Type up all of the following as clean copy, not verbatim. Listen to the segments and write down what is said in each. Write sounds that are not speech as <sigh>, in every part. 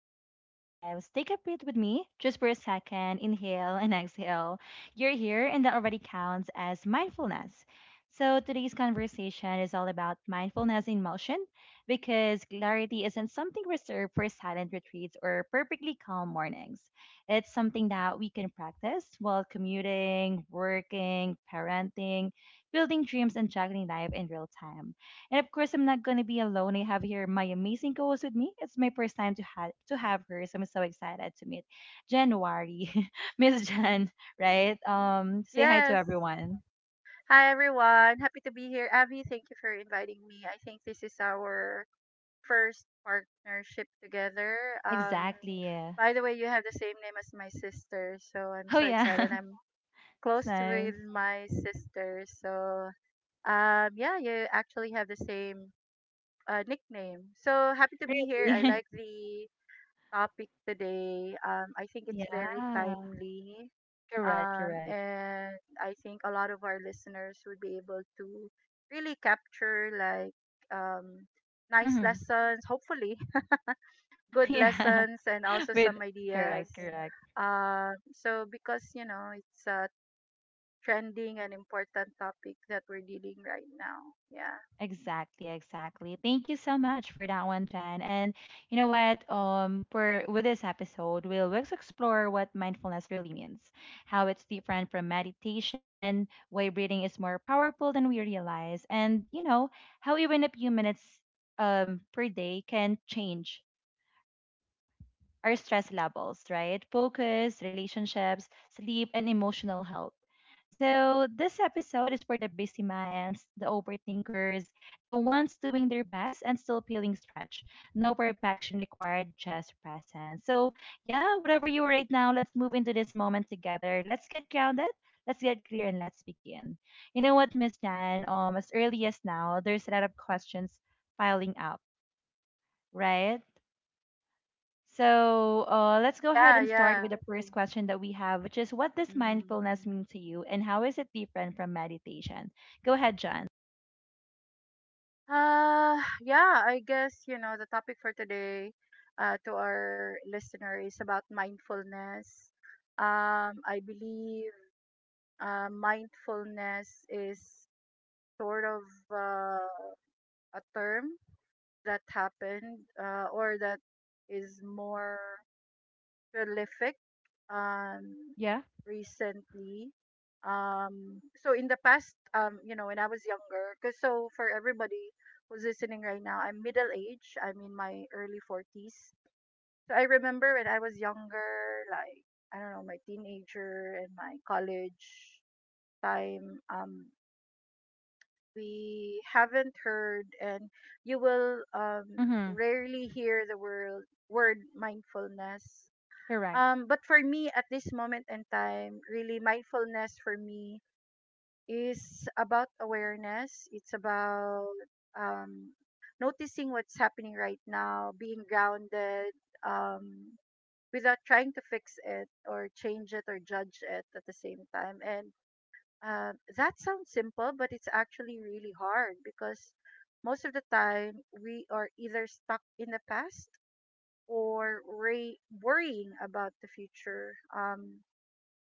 back to Abby Vibes. Take a breath with me just for a second. Inhale and exhale. You're here, and that already counts as mindfulness. So, today's conversation is all about mindfulness in motion because clarity isn't something reserved for silent retreats or perfectly calm mornings. It's something that we can practice while commuting, working, parenting, building dreams, and juggling life in real time. And of course, I'm not gonna be alone. I have here my amazing co-host with me. It's my first time to have her, so I'm so excited to meet January, <laughs> Miss Jan. Right? Say hi to Yes. everyone. Hi, everyone. Happy to be here. Avi, thank you for inviting me. I think this is our first partnership together. Um, Exactly. Yeah. by the way, you have the same name as my sister, so I'm Oh so yeah, excited. I'm <laughs> it's close to nice. with my sister, so yeah, you actually have the same nickname. So happy to be here. I Really? like <laughs> the topic today. I think it's very Yeah. timely. Correct. Correct. And I think a lot of our listeners would be able to really capture, like, um, nice Mm-hmm. lessons, hopefully, <laughs> <laughs> good Yeah. lessons, and also <laughs> With some ideas. correct. Correct. So because you know it's a trending and important topic that we're dealing right now. Yeah, Exactly, exactly. Thank you so much for that one, Jan. And you know what? For with this episode, we'll let's explore what mindfulness really means, how it's different from meditation, why breathing is more powerful than we realize, and you know how even a few minutes per day can change our stress levels, right? Focus, relationships, sleep, and emotional health. So, this episode is for the busy minds, the overthinkers, the ones doing their best and still feeling stretched. No perfection required, just presence. So, yeah, whatever you are right now, let's move into this moment together. Let's get grounded. Let's get clear and let's begin. You know what, Miss Jan? As early as now, there's a lot of questions piling up, right? So let's go ahead yeah, and start yeah. with the first question that we have, which is what does Mm-hmm. mindfulness mean to you and how is it different from meditation? Go ahead, John. Yeah, I guess, you know, the topic for today, to our listener, is about mindfulness. I believe mindfulness is sort of uh, a term that happened, or that is more prolific, um, Yeah. recently. So in the past, you know, when I was younger, because so for everybody who's listening right now, I'm middle age. I'm in my early 40s. So I remember when I was younger, like, I don't know, my teenager and my college time. We haven't heard, and you will Mm-hmm. rarely hear the word mindfulness, Correct. But for me, at this moment in time, really mindfulness for me is about awareness. It's about um, noticing what's happening right now, being grounded, um, without trying to fix it or change it or judge it at the same time. And that sounds simple, but it's actually really hard because most of the time we are either stuck in the past or worrying about the future.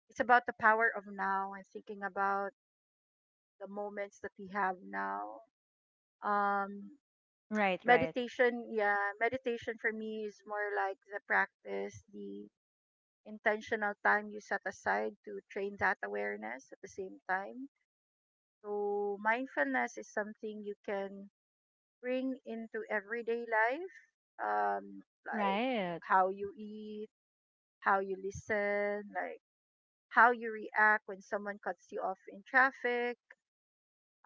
It's about the power of now and thinking about the moments that we have now. Um, Right, right. Meditation for me is more like the practice, the intentional time you set aside to train that awareness at the same time. So, mindfulness is something you can bring into everyday life, um, like Right. how you eat, how you listen, like how you react when someone cuts you off in traffic,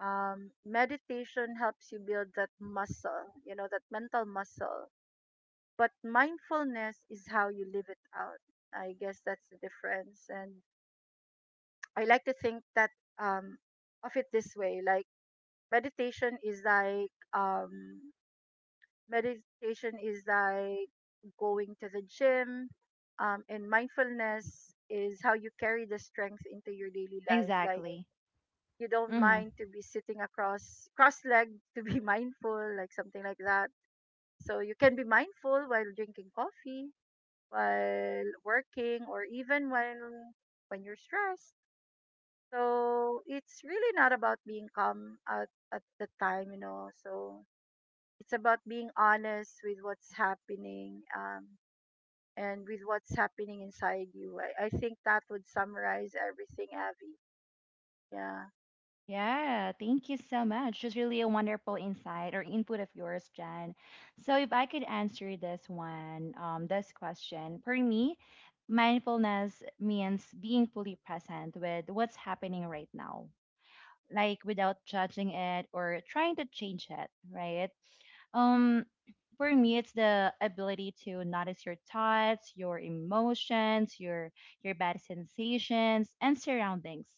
um, Meditation helps you build that muscle, you know, that mental muscle. But mindfulness is how you live it out. I guess that's the difference. And I like to think that um, of it this way, like, meditation is like, um, meditation is like going to the gym, and mindfulness is how you carry the strength into your daily life. Like, Exactly. you don't Mm-hmm. mind to be sitting across cross-legged to be <laughs> mindful, like something like that, so you can be mindful while drinking coffee, while working, or even when you're stressed, so it's really not about being calm at the time, you know. So it's about being honest with what's happening, and with what's happening inside you. I think that would summarize everything, Abby. Yeah. Yeah, thank you so much. It's really a wonderful insight or input of yours, Jen. So, if I could answer this one, this question, for me, mindfulness means being fully present with what's happening right now like without judging it or trying to change it, right? Um, for me, it's the ability to notice your thoughts, your emotions, your bad sensations and surroundings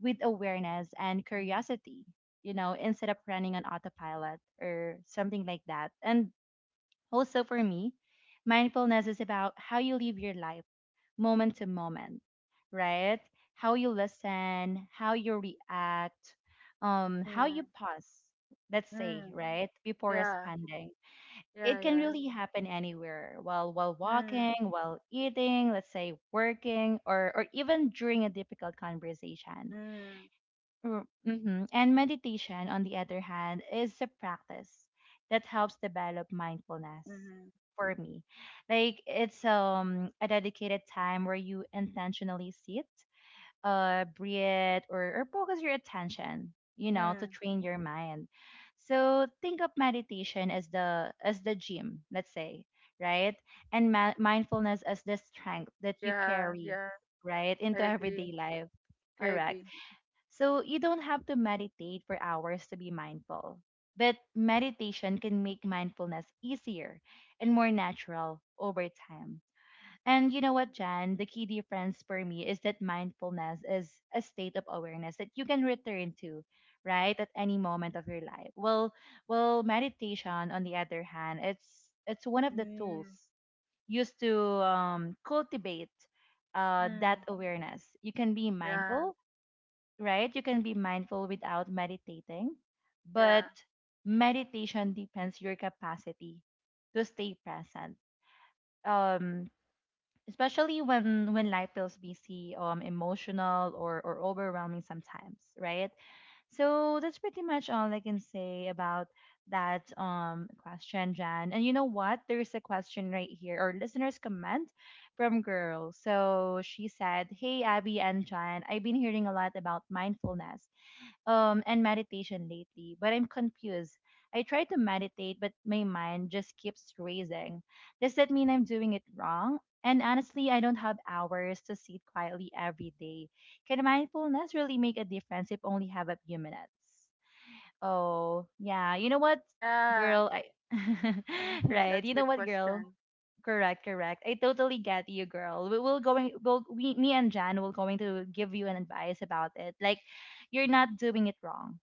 with awareness and curiosity, you know, instead of running on autopilot or something like that. And also for me, mindfulness is about how you live your life moment to moment, right? How you listen, how you react, how you Mm, pause, let's say, mm, right, before yeah, responding. yeah, It can yeah. really happen anywhere, while walking, Mm, while eating, let's say working, or even during a difficult conversation. mm, Mm, Mm-hmm. And meditation, on the other hand, is a practice that helps develop mindfulness mm, for me. Like it's a dedicated time where you intentionally sit, breathe, or focus your attention, you know, to mm. train your mind. So think of meditation as the gym, let's say, right? And mindfulness as the strength that you Yeah, carry, yeah, right, I into agree. everyday life. I Correct. agree. So you don't have to meditate for hours to be mindful. But meditation can make mindfulness easier and more natural over time. And you know what, Jan? The key difference for me is that mindfulness is a state of awareness that you can return to, right, at any moment of your life. Well, meditation, on the other hand, it's one of the tools Mm, used to cultivate that mm. awareness. You can be Yeah, mindful right? You can be mindful without meditating, but yeah, meditation depends your capacity to stay present. Um, especially when life feels busy, emotional or overwhelming sometimes, right? So that's pretty much all I can say about that question, Jan. And you know what? There's a question right here or listeners comment from girl. So she said, Hey Abby and Jan, I've been hearing a lot about mindfulness and meditation lately, but I'm confused. I try to meditate, but my mind just keeps racing. Does that mean I'm doing it wrong? And honestly, I don't have hours to sit quietly every day. Can mindfulness really make a difference if only have a few minutes? Oh, yeah. You know what, yeah. girl? I <laughs> Mm, <laughs> right. You that's a know good what, girl? question. Correct, correct. I totally get you, girl. We, me and Jan will going to give you an advice about it. Like you're not doing it wrong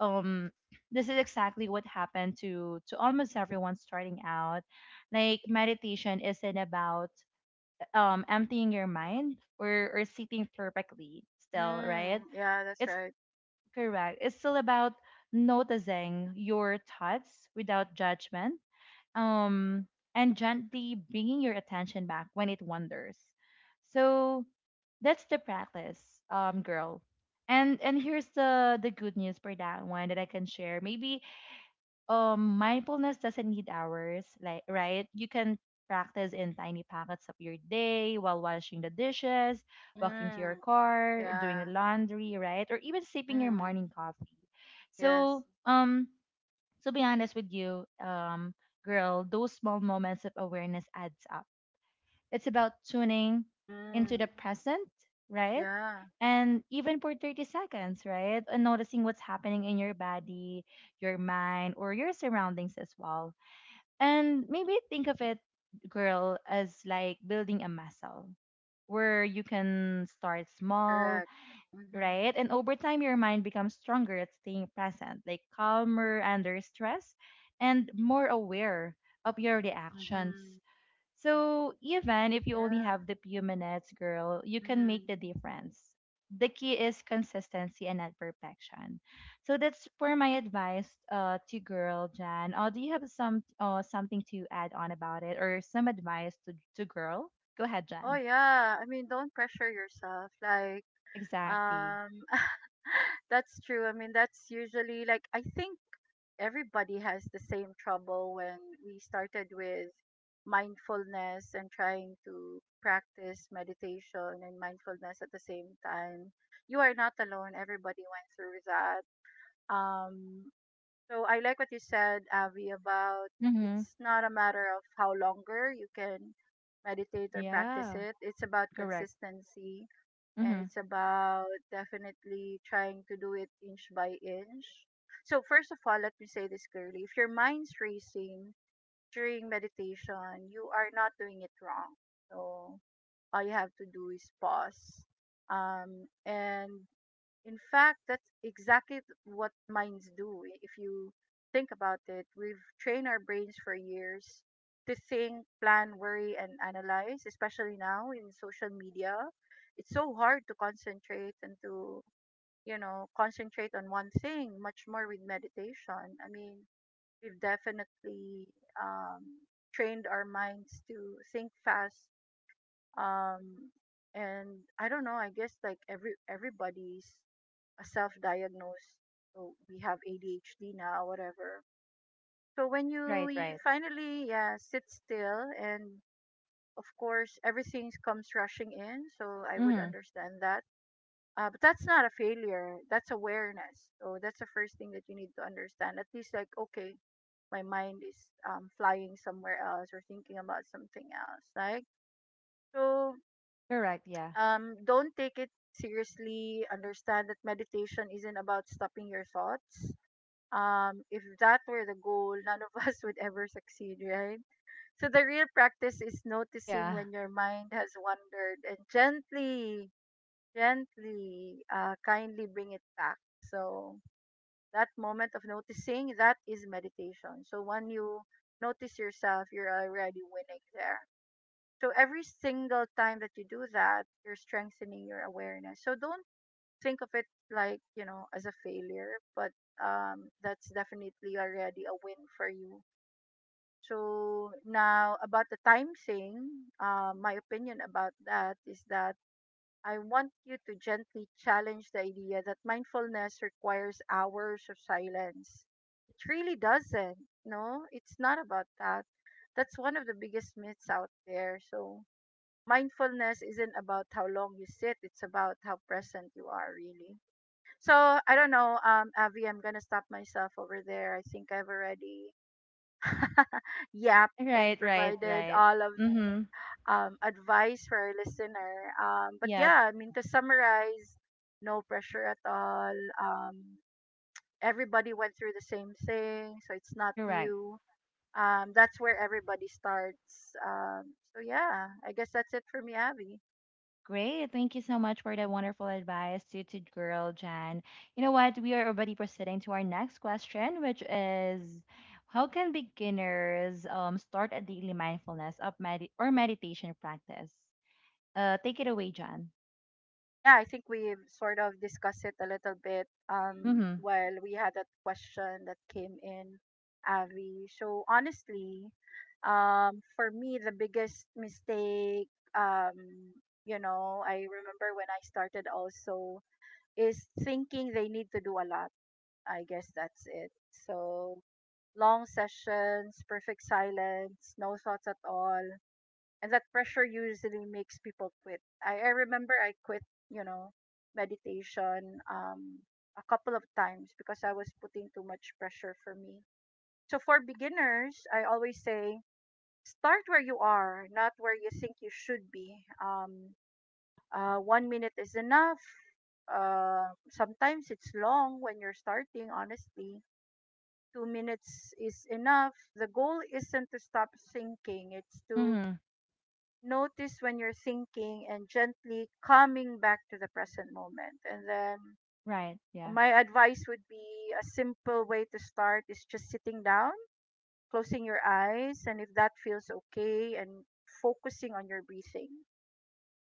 um this is exactly what happened to almost everyone starting out like meditation isn't about emptying your mind or sitting perfectly still, right? Mm, yeah, that's it's right. Correct, it's still about noticing your thoughts without judgment, um and gently bringing your attention back when it wanders. So that's the practice, girl. And here's the good news for that one that I can share. Maybe mindfulness doesn't need hours, like, right? You can practice in tiny pockets of your day, while washing the dishes, walking to your Mm, car, doing the yeah. laundry, right? Or even sipping your Mm, morning coffee. So yes. To be honest with you, girl, those small moments of awareness adds up. It's about tuning into the Mm, present, right? yeah, And even for 30 seconds, right? And noticing what's happening in your body, your mind, or your surroundings as well. And maybe think of it, girl, as like building a muscle where you can start small, correct. Mm-hmm, right? And over time, your mind becomes stronger at staying present, like calmer under stress and more aware of your reactions. mm-hmm. So even if you only Yeah. have the few minutes, girl, you can Mm-hmm. make the difference. The key is consistency and not perfection. So that's for my advice to girl Jan. Do you have some something to add on about it or some advice to girl? Go ahead, Oh, Jan. yeah. I mean, don't pressure yourself. Like, Exactly. Um, <laughs> that's true. I mean, that's usually, like, I think everybody has the same trouble when we started with mindfulness and trying to practice meditation and mindfulness at the same time. You are not alone. Everybody went through that. Um, so I like what you said, Avi, about Mm-hmm. it's not a matter of how longer you can meditate or practice Yeah. it. It's about Correct. consistency, and Mm-hmm. it's about definitely trying to do it inch by inch. So, first of all, let me say this clearly: if your mind's racing during meditation, you are not doing it wrong. So, all you have to do is pause, and in fact, that's exactly what minds do. If you think about it, we've trained our brains for years to think, plan, worry, and analyze, especially now in social media. It's so hard to concentrate and to, you know, concentrate on one thing, much more with meditation. I mean, we've definitely um, trained our minds to think fast. Um, and I don't know, I guess, like, everybody's a self-diagnosed, oh, we have ADHD now, whatever. So when you Right, right. finally, yeah, sit still, and of course everything comes rushing in, so I would Mm-hmm. understand that. But that's not a failure, that's awareness, so that's the first thing that you need to understand, at least, like, okay, my mind is flying somewhere else or thinking about something else, like. So, Correct. Yeah. Don't take it seriously. Understand that meditation isn't about stopping your thoughts. If that were the goal, none of <laughs> us would ever succeed, right? So the real practice is noticing Yeah. when your mind has wandered and gently, gently, kindly bring it back. So that moment of noticing, that is meditation. So when you notice yourself, you're already winning there. So every single time that you do that, you're strengthening your awareness. So don't think of it, like, you know, as a failure, but that's definitely already a win for you. So now, about the time thing, my opinion about that is that I want you to gently challenge the idea that mindfulness requires hours of silence. It really doesn't. No, it's not about that. That's one of the biggest myths out there. So mindfulness isn't about how long you sit, it's about how present you are, really. So I don't know, Avi, I'm gonna stop myself over there. I think I've already <laughs> yapped and Right, right, provided right. all of Mm-hmm. the advice for our listener. But Yep. yeah, I mean, to summarize, no pressure at all. Um, Everybody went through the same thing, so it's not Correct. you. That's where everybody starts. So yeah, I guess that's it for me, Avi. Great. Thank you so much for that wonderful advice to, girl Jan. You know what? We are already proceeding to our next question, which is how can beginners start a daily mindfulness of or meditation practice? Take it away, Jan. Yeah, I think we've sort of discussed it a little bit, Mm-hmm. while we had that question that came in, Avi. So honestly, for me, the biggest mistake, um, you know, I remember when I started also is thinking they need to do a lot. I guess that's it. So, long sessions, perfect silence, no thoughts at all, and that pressure usually makes people quit. I remember I quit, you know, meditation, a couple of times because I was putting too much pressure for me. So, for beginners, I always say start where you are, not where you think you should be. One minute is enough. Sometimes it's long when you're starting, honestly. 2 minutes is enough. The goal isn't to stop thinking, it's to Mm-hmm. notice when you're thinking and gently coming back to the present moment. And then Right. Yeah. my advice would be a simple way to start is just sitting down, closing your eyes, and if that feels okay, and focusing on your breathing,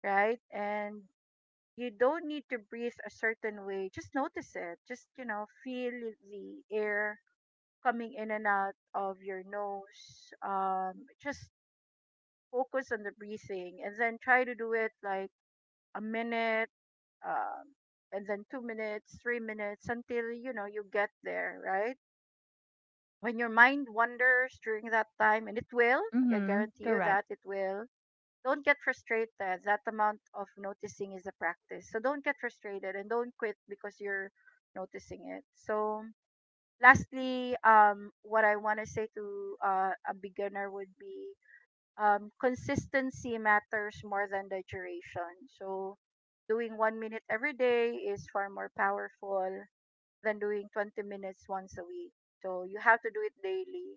right? And you don't need to breathe a certain way. Just notice it. Just, you know, feel the air coming in and out of your nose. Just focus on the breathing and then try to do it, like, a minute, um, and then 2 minutes, 3 minutes, until you know you get there, right? When your mind wanders during that time, and it will, I Mm-hmm. guarantee you Correct. that it will. Don't get frustrated. That amount of noticing is a practice. So don't get frustrated and don't quit because you're noticing it. So, lastly, what I want to say to, a beginner would be, consistency matters more than the duration. So, doing one minute every day is far more powerful than doing 20 minutes once a week. So, you have to do it daily.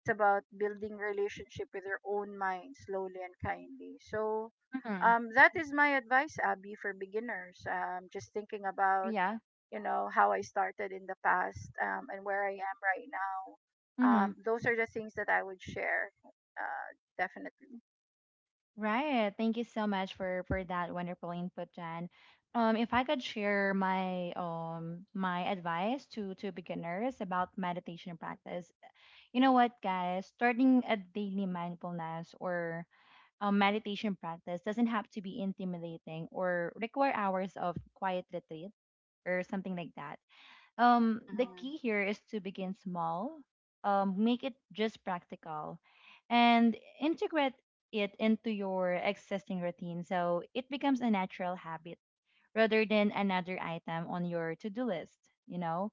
It's about building relationship with your own mind slowly and kindly. So, Mm-hmm. That is my advice, Abby, for beginners. Just thinking about, Yeah. you know, how I started in the past, and where I am right now. Mm-hmm. Those are the things that I would share, definitely. Right. Thank you so much for that wonderful input, Jen. If I could share my my advice to beginners about meditation practice, you know what, guys, starting a daily mindfulness or a meditation practice doesn't have to be intimidating or require hours of quiet retreat or something like that. The key Mhm. here is to begin small, make it just practical, and integrate it into your existing routine so it becomes a natural habit rather than another item on your to-do list, you know.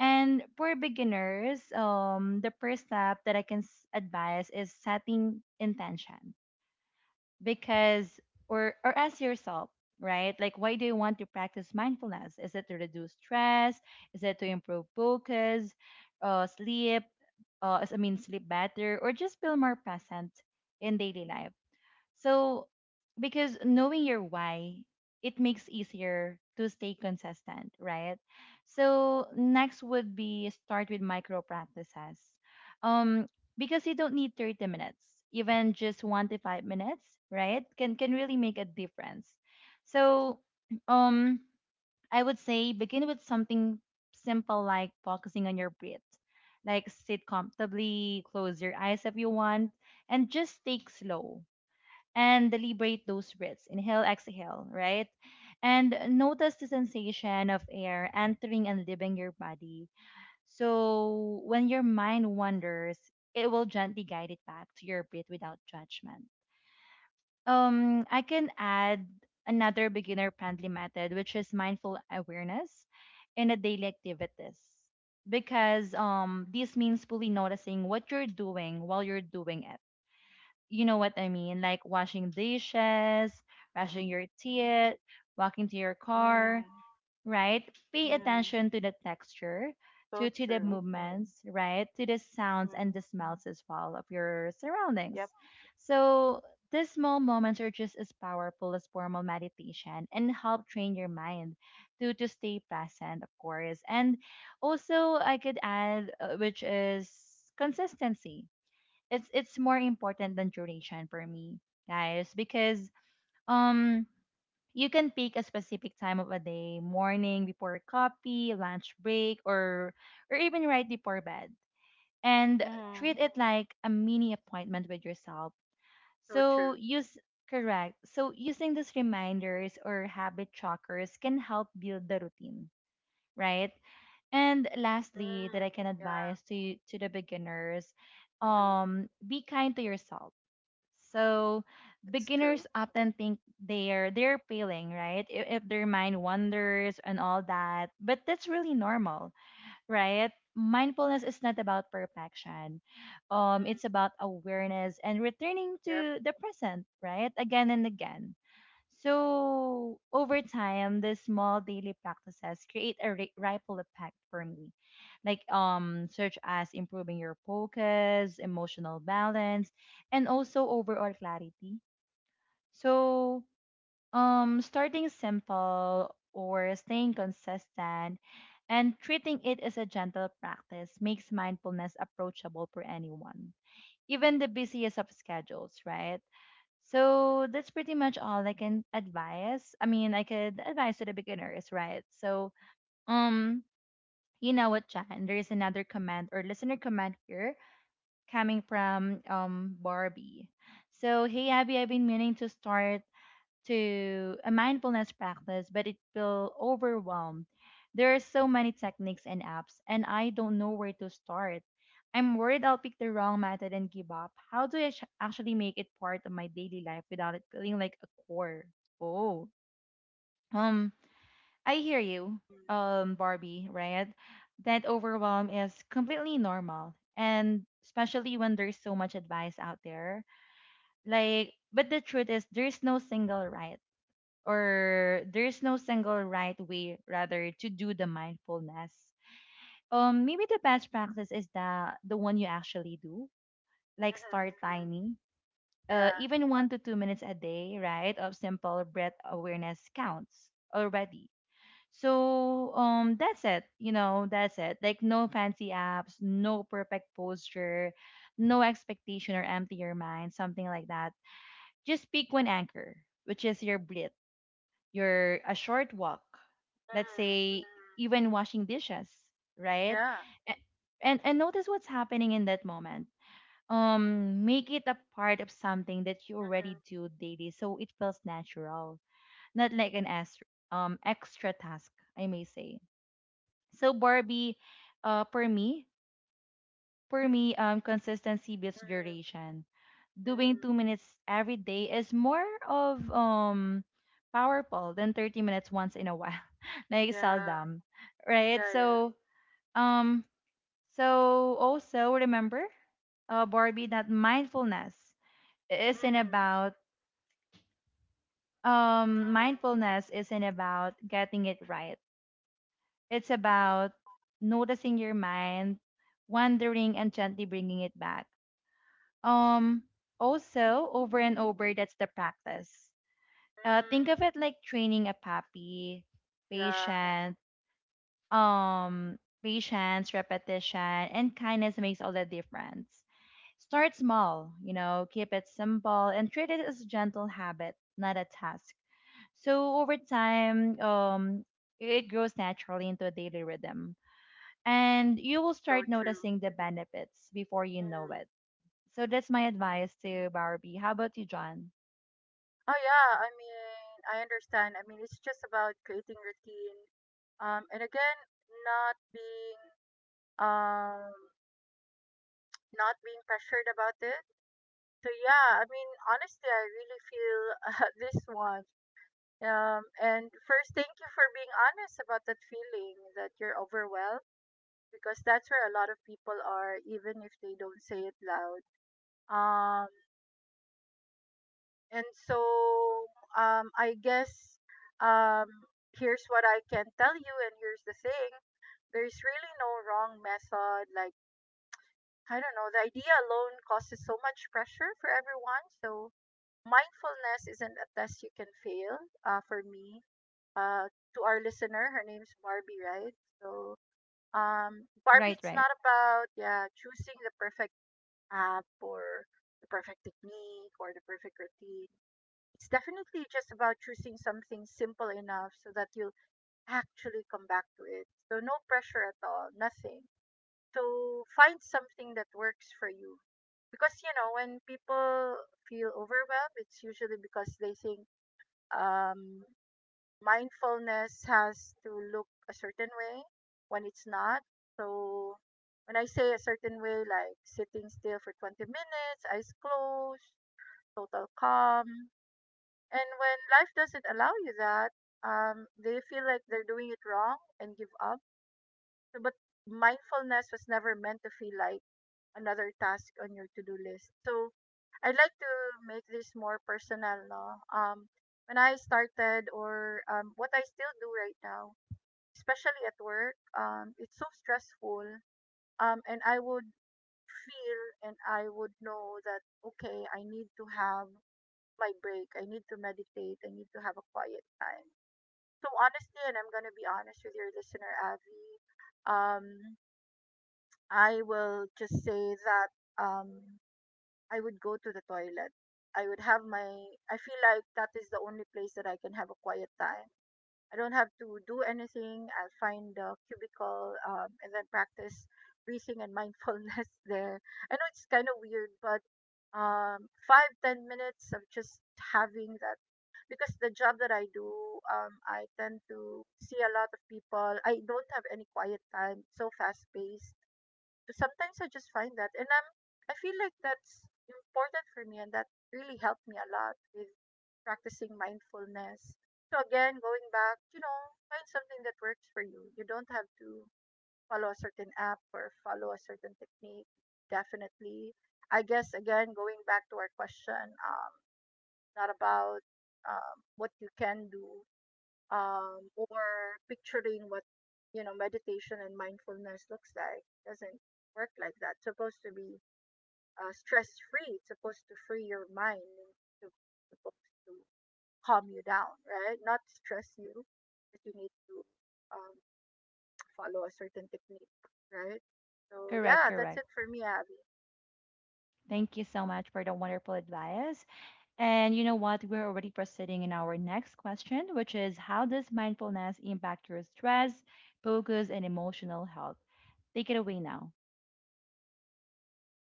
And for beginners, the first step that I can advise is setting intention, because or ask yourself, right, like why do you want to practice mindfulness? Is it to reduce stress? Is it to improve focus, uh, sleep? Uh, I mean sleep better, or just feel more present in daily life? So, because knowing your why, it makes easier to stay consistent, right? So, next would be start with micro practices. Um, because you don't need 30 minutes, even just 1 to 5 minutes, right? Can really make a difference. So, <clears throat> um I would say begin with something simple like focusing on your breath. Like sit comfortably, close your eyes if you want, and just take slow and liberate those breaths. Inhale, exhale, right? And notice the sensation of air entering and leaving your body. So when your mind wanders, it will gently guide it back to your breath without judgment. I can add another beginner friendly method, which is mindful awareness in the daily activities. Because this means fully noticing what you're doing while you're doing it, you know what I mean, like washing dishes, brushing your teeth, walking to your car, Mm. right? Pay Mm. attention to the texture, So to the Mm-hmm. true. movements, right? To the sounds and Mm. the smells as well of your surroundings. Yep. So these small moments are just as powerful as formal meditation and help train your mind to stay present, of course. And also I could add, which is consistency. It's more important than duration for me, guys, because um you can pick a specific time of a day, morning before coffee, lunch break, or even right before bed, and Mm. treat it like a mini appointment with yourself. So So true. use Correct, so using these reminders or habit trackers can help build the routine, right? And lastly, that I Mm. can advise Yeah. to the beginners, Mhm. Be kind to yourself. So That's beginners true. often think they're failing, right? If their mind wanders and all that. But that's really normal, right? Mindfulness is not about perfection. Mm. It's about awareness and returning Yep. to the present, right? Again and again. So over time, the small daily practices create a ripple effect for me, such as improving your focus, emotional balance, and also overall clarity. So Starting simple or staying consistent and treating it as a gentle practice makes mindfulness approachable for anyone, even the busiest of schedules, right? So that's pretty much all I can advise. I mean, I could advise to the beginners, right? Um, you know what, Jan? There is another comment or listener comment here coming from Barbie. So, hey Abby, I've been meaning to start to a mindfulness practice, but it will overwhelm. There are so many techniques and apps, and I don't know where to start. I'm worried I'll pick the wrong method and give up. How do I actually make it part of my daily life without it feeling like a chore? Oh, um, I hear you, Mm. Barbie, right? That overwhelm is completely normal, and especially when there's so much advice out there. Like, but the truth is, there's no single right way rather to do the mindfulness. Maybe the best practice is the one you actually do, Mhm. like start Mhm. tiny. Yeah. Even 1 to 2 minutes a day, right, of simple breath awareness counts already. So that's it. You know, that's it, like no fancy apps, no perfect posture, no expectation or empty your mind, something like that. Just pick one anchor, which is your breath, your a short walk, Mhm. let's Mhm. say, even washing dishes, right? Yeah. A- and notice what's happening in that moment. Make it a part of something that you Mhm. already Mhm. do daily so it feels natural, not like an extra, extra task, I may say. So Barbie, uh for me for me, consistency beats Mm. duration. Doing 2 minutes every day is more of powerful than 30 minutes once in a while <laughs> like Yeah. seldom, right? Yeah. Yeah. So um so also remember, Barbie, that isn't Mm. about Mm. mindfulness isn't about getting it right. It's Mm. about noticing your mind wandering and gently bringing it back, um also over and over. That's the practice. Think Mm. of it like training a puppy, Yeah. patient, um, patience, repetition, and kindness makes all the difference. Start small, you know, keep it simple, and treat it as a gentle habit, not a task. So over time, it grows naturally into a daily rhythm, and you will So start true. noticing the benefits before you know Mm. it. So that's my advice to Barbie. How about you, John? Oh yeah. I mean, I understand. I mean, it's just about creating routine. And again, not being um not being pressured about it. So, yeah, I mean, honestly, I really feel <laughs> this one, and first, thank you for being honest about that feeling that you're overwhelmed, because that's where a lot of people are even if they don't say it loud. Um and so, I guess, um here's what I can tell you, and here's the thing. There's really no wrong method, like, I don't know, the idea alone causes so much pressure for everyone. So mindfulness isn't a test you can fail. For me, to our listener, her name's Barbie, right? So, Barbie, Right, it's right, not about yeah choosing the perfect app or the perfect technique or the perfect routine. It's definitely just about choosing something simple enough so that you'll actually come back to it. So no pressure at all, nothing. So find something that works for you because you know when people feel overwhelmed it's usually because they think um, mindfulness has to look a certain way when it's not. So when I say a certain way, like sitting still for 20 minutes, eyes closed, total calm, and when life doesn't allow you that, they feel like they're doing it wrong and give up. But mindfulness was never meant to feel like another task on your to-do list. So, I'd like to make this more personal, no? When I started, or what I still do right now, especially at work, it's so stressful. And I would feel, and I would know that, okay, I need to have my break. I need to meditate. I need to have a quiet time. So honestly, and I'm gonna be honest with your listener, Avi. Um, I will just say that um, I would go to the toilet. I would have my, I feel like that is the only place that I can have a quiet time. I don't have to do anything. I'll find a cubicle, and then practice breathing and mindfulness <laughs> there. I know it's kind of weird, but 5, 10 minutes of just having that. Because the job that I do, I tend to see a lot of people. I don't have any quiet time, so fast paced sometimes I just find that, and I feel like that's important for me, and that really helped me a lot with practicing mindfulness. So again, going back, you know, find something that works for you. You don't have to follow a certain app or follow a certain technique. Definitely, I guess again, going back to our question, not about what you can do, or picturing what you know meditation and mindfulness looks like. Doesn't work like that. It's supposed to be stress free. It's supposed to free your mind. It's supposed to calm you down, right? Not stress you that you need to um, follow a certain technique, right? So correct, yeah, that's correct. it for me, Abby. Thank you so much for the wonderful advice. And you know what? We're already proceeding in our next question, which is how does mindfulness impact your stress, focus, and emotional health? Take it away now.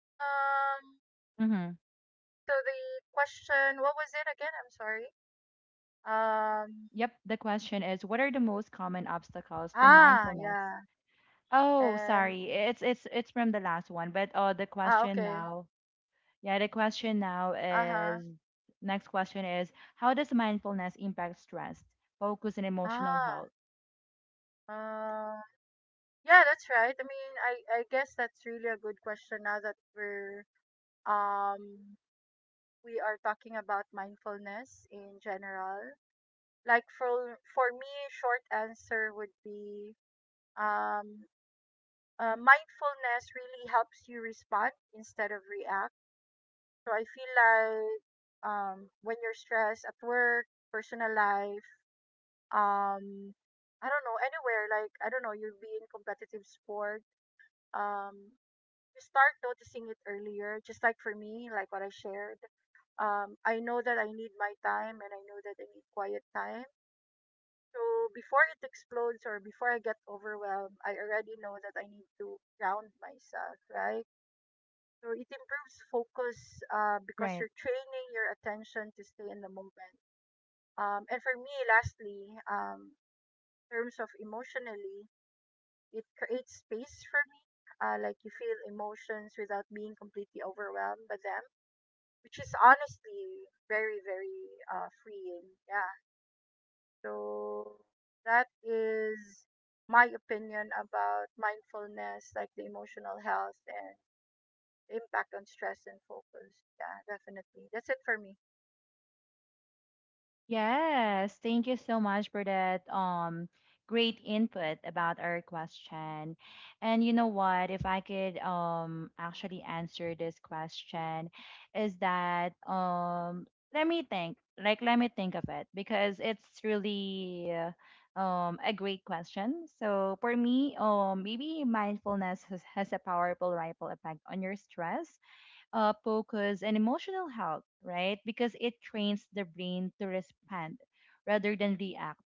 Um, Mm-hmm. so the question, what was it again? I'm sorry. Um, Yep. The question is what are the most common obstacles to mindfulness? yeah, Oh, and sorry. It's from the last one, but the question okay, now. Yeah, the question now uh huh. is next question is how does mindfulness impact stress, focus, and emotional Ah, health? um, yeah, that's right. I mean, I guess that's really a good question now that um we are talking about mindfulness in general. Like for me, short answer would be um mindfulness really helps you respond instead of react. So I feel like when you're stressed at work, personal life, um I don't know, anywhere, like, I don't know, you'll be in competitive sport. um Start noticing it earlier, just like for me, like what I shared. I know that I need my time, and I know that I need quiet time. So before it explodes or before I get overwhelmed, I already know that I need to ground myself, right? So it improves focus, because Right. you're training your attention to stay in the moment. And for me lastly, in terms of emotionally, it creates space for me. Like you feel emotions without being completely overwhelmed by them, which is honestly very, very freeing. Yeah. So that is my opinion about mindfulness, like the emotional health and the impact on stress and focus. Yeah, definitely. That's it for me. Yes, thank you so much for that great input about our question. And you know what, if I could actually answer this question, is that let me think. Like let me think of it because it's really a great question. So for me, maybe mindfulness has a powerful ripple effect on your stress focus, and emotional health, right? Because it trains the brain to respond rather than react.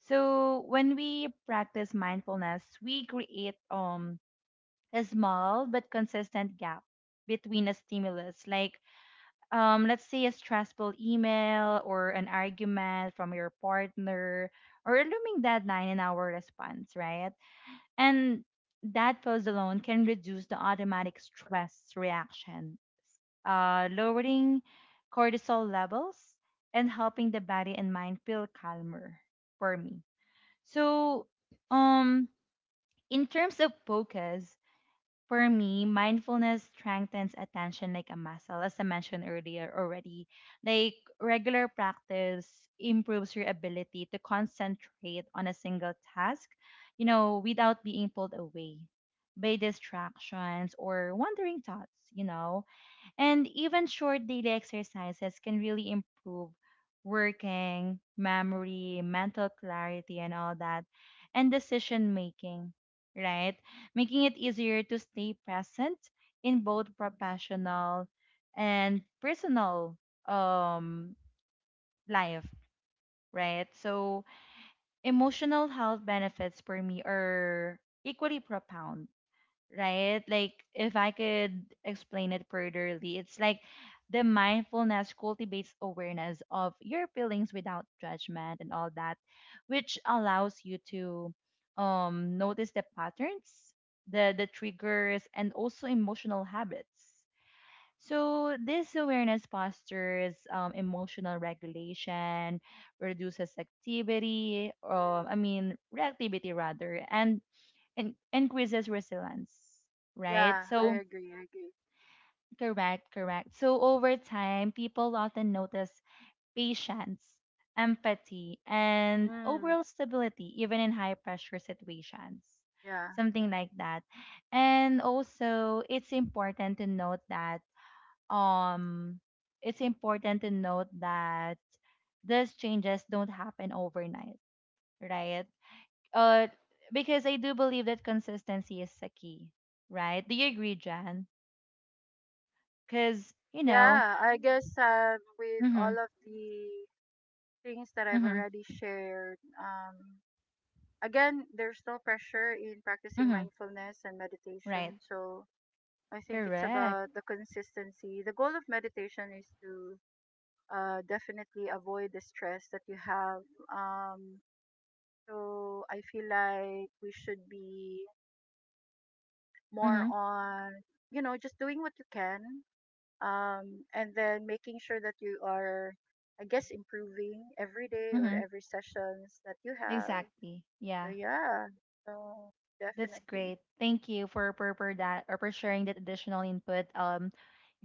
So when we practice mindfulness, we create a small but consistent gap between a stimulus, like let's say a stressful email or an argument from your partner or a looming deadline in our response, right? And that pause alone can reduce the automatic stress reaction, lowering cortisol levels and helping the body and mind feel calmer for me. So, um, in terms of focus, for me, mindfulness strengthens attention like a muscle, as I mentioned earlier already. Like regular practice improves your ability to concentrate on a single task, you know, without being pulled away by distractions or wandering thoughts, you know, and even short daily exercises can really improve working, memory, mental clarity, and all that, and decision making, right? Making it easier to stay present in both professional and personal um, life, right? So, emotional health benefits for me are equally profound, right? Like if I could explain it furtherly, it's like the mindfulness cultivates awareness of your feelings without judgment and all that, which allows you to notice the patterns, the triggers and also emotional habits. So this awareness fosters emotional regulation, reduces activity, or Mm. I mean reactivity rather, and increases resilience, right? Yeah, I So, agree. I agree. correct, correct. So, over time, people often notice patience, empathy, and Mm, overall stability, even in high pressure situations, yeah. something like that. And also, um, it's important to note that these changes don't happen overnight, right? uh, because I do believe that consistency is the key, right? Do you agree, Jan? Because Oh, you know, yeah. I guess with mhm, all of the things that I've mhm, already shared. Again, there's no pressure in practicing mhm, mindfulness and right, meditation. So I think it's correct, about the consistency. The goal of meditation is to definitely avoid the stress that you have. Um, so I feel like we should be more mhm, on, you know, just doing what you can, and then making sure that you are, I guess, improving every day or mhm, every sessions that you have. exactly, So yeah, yeah, so that's definitely. great. Thank you for that or for sharing that additional input,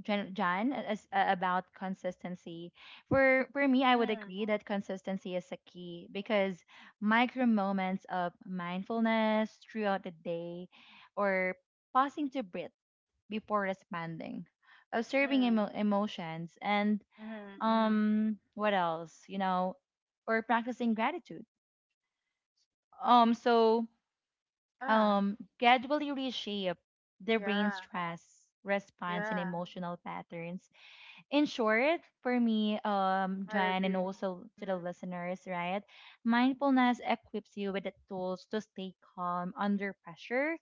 Jan, Jan, about consistency. For me, I would agree Mm, that consistency is a key because micro moments of mindfulness throughout the day, or pausing to breathe before responding, observing mm, emotions, and mm, mm. What else, you know, or practicing gratitude. Um, so Yeah, um gradually reshape the brain yeah, stress response and yeah. emotional patterns. In short, for me, I Jan, and agree. also to the listeners, right? Mindfulness equips you with the tools to stay calm under pressure,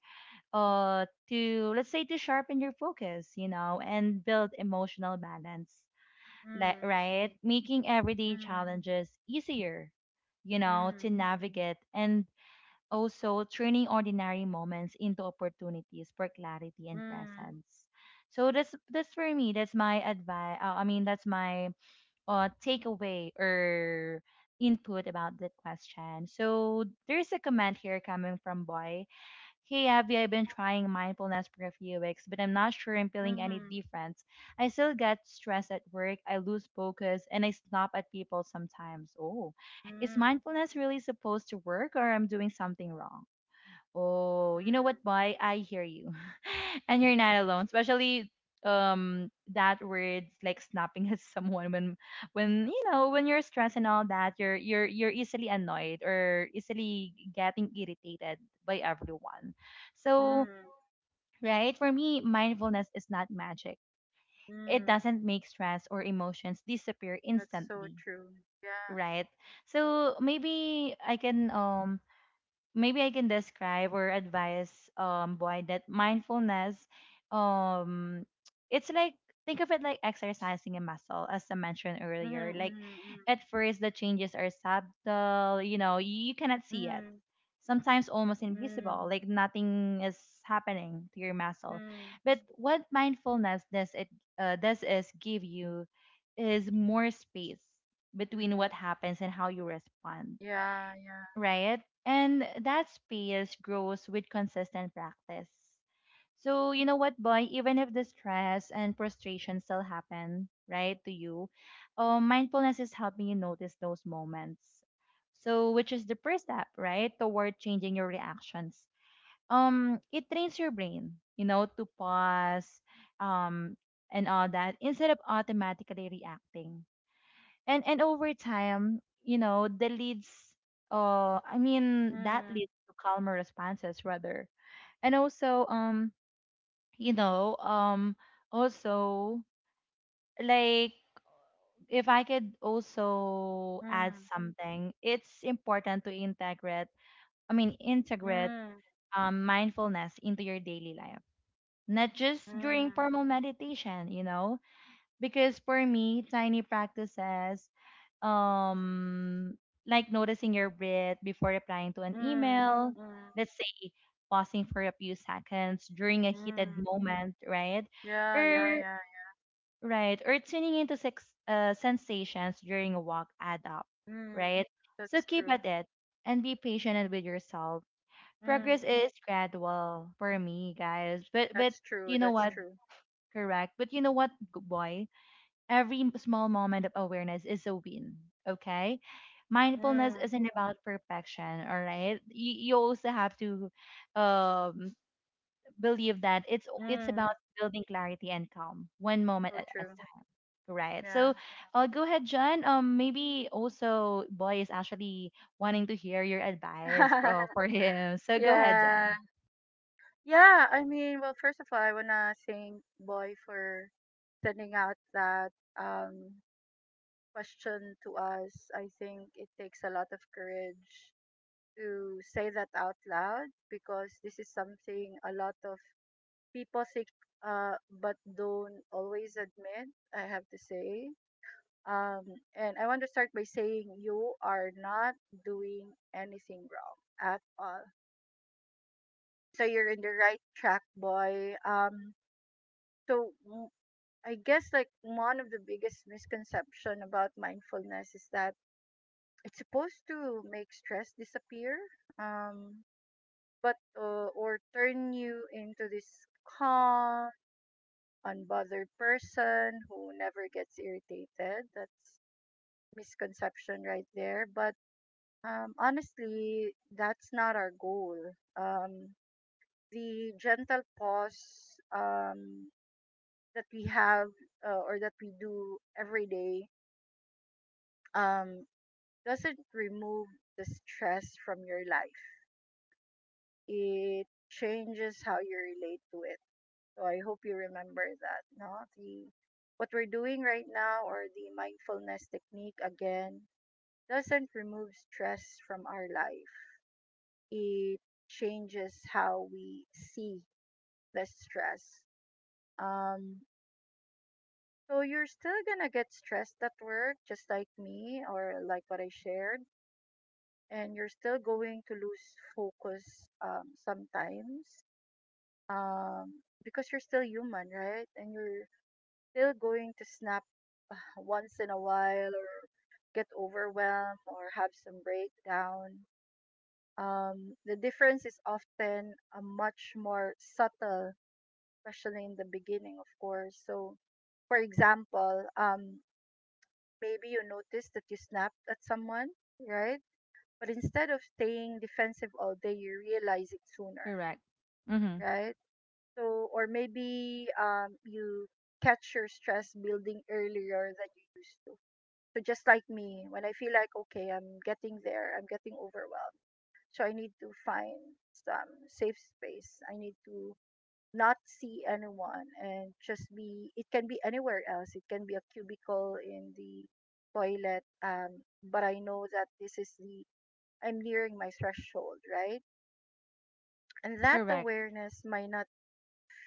to let's say to sharpen your focus, you know, and build emotional balance, like Mm, right, making everyday mm, challenges easier, you know, to mm, navigate and also turning ordinary moments into opportunities for clarity and mm, presence. So that's for me. That's my advice. I mean, that's my takeaway or input about that question. So there's a comment here coming from Boy. Hey, Abby, I've been trying mindfulness for a few weeks, but I'm not sure I'm feeling any mm, difference. I still get stressed at work. I lose focus, and I snap at people sometimes. Oh, is mm, mindfulness really supposed to work, or I'm doing something wrong? Oh, you know mm, what, boy? I hear you. <laughs> And you're not alone, especially um that word like snapping at someone when you know, when you're stressed and all that, you're easily annoyed or easily getting irritated by everyone. mm, So mm, right, for me mindfulness is not magic. It mm. doesn't make stress or emotions disappear That's so instantly, true. Yeah. right? So maybe I can describe or advise boy that mindfulness um it's like think of it like exercising a muscle, as I mentioned earlier. Mm, Like mm, at first the changes are subtle, you know, you cannot see it. mm, Sometimes almost mm, invisible, mm, like nothing is happening to your muscle. mm, But what mindfulness does is give you is more space between what mm. happens and how you respond, Yeah, yeah. right? And that space grows with consistent practice. So, you know what, boy, even if the stress and frustration still happen, right, to you, mindfulness is helping you notice those moments. So, which is the first step, right, toward changing your reactions. It trains your brain, you know, to pause, um, and all that instead of automatically reacting, and over time you know the leads I mean that Mm, leads to calmer responses rather. And also you know um also like if I could also add mm, something, it's important to integrate I mean integrate mm, mindfulness into your daily life, not just during mm, formal meditation, you know, because for me tiny practices, um like noticing your breath before replying to an mm, email, mm, let's say, pausing for a few seconds during a mm. heated Mm. moment, right, Yeah, yeah, or yeah. Tuning into sensations during a walk add up, Mm, right? So that's keep true. at it and be patient and with yourself. Mm, Progress is gradual for me guys, but that's true. you know That's what, true. correct, but you know what, boy, every small moment of awareness is a win, okay? Mindfulness Mm, isn't about perfection, all right? You also have to um, believe that it's about mm, building clarity and calm, one moment so at a true. time, right? So, Yeah. Go ahead, John. Maybe also Boy is actually wanting to hear your advice <laughs> for him. So go ahead, Yeah. John. Yeah, I mean, well, first of all, I wanna thank Boy for sending out that um question to us. I think it takes a lot of courage to say that out loud because this is something a lot of people think, uh but don't always admit, I have to say. Um, and I want to start by saying you are not doing anything wrong at all. So you're in the right track, boy. So w- I guess like one of the biggest misconception about mindfulness is that it's supposed to make stress disappear, um, but or turn you into this calm, unbothered person who never gets irritated. That's misconception right there, but honestly, that's not our goal. Um, the gentle pause, that we have, or that we do every day, um, doesn't remove the stress from your life. It changes how you relate to it. So I hope you remember that. No, the what we're doing right now, or the mindfulness technique again, doesn't remove stress from our life. It changes how we see less stress. Um, so you're still gonna get stressed at work, just like me or like what I shared, and you're still going to lose focus sometimes, um, because you're still human, right? And you're still going to snap, uh, once in a while, or get overwhelmed, or have some breakdown. The difference is often a much more subtle, especially in the beginning, of course. So, for example, maybe you noticed that you snapped at someone, right? But instead of staying defensive all day, you realize it sooner, Correct. Mm-hmm. right? So, or maybe you catch your stress building earlier than you used to. So, just like me, when I feel like, okay, I'm getting there, I'm getting overwhelmed. So, I need to find some safe space. I need to not see anyone and just be, it can be anywhere else, it can be a cubicle in the toilet, but I know that this is the. I'm nearing my threshold, right? And that Correct. <laughs> awareness might not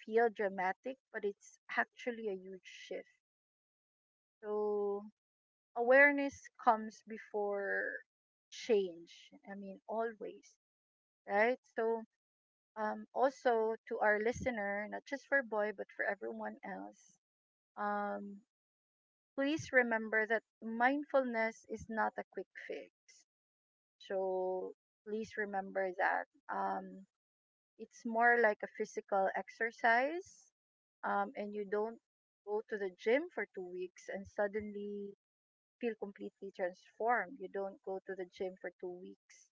feel dramatic, but it's actually a huge shift. So awareness comes before change, I mean, always, right? So also to our listener, not just for boy, but for everyone else, um, please remember that mindfulness is not a quick fix. So please remember that, um, it's more like a physical exercise, and you don't go to the gym for 2 weeks and suddenly feel completely transformed. You don't go to the gym for 2 weeks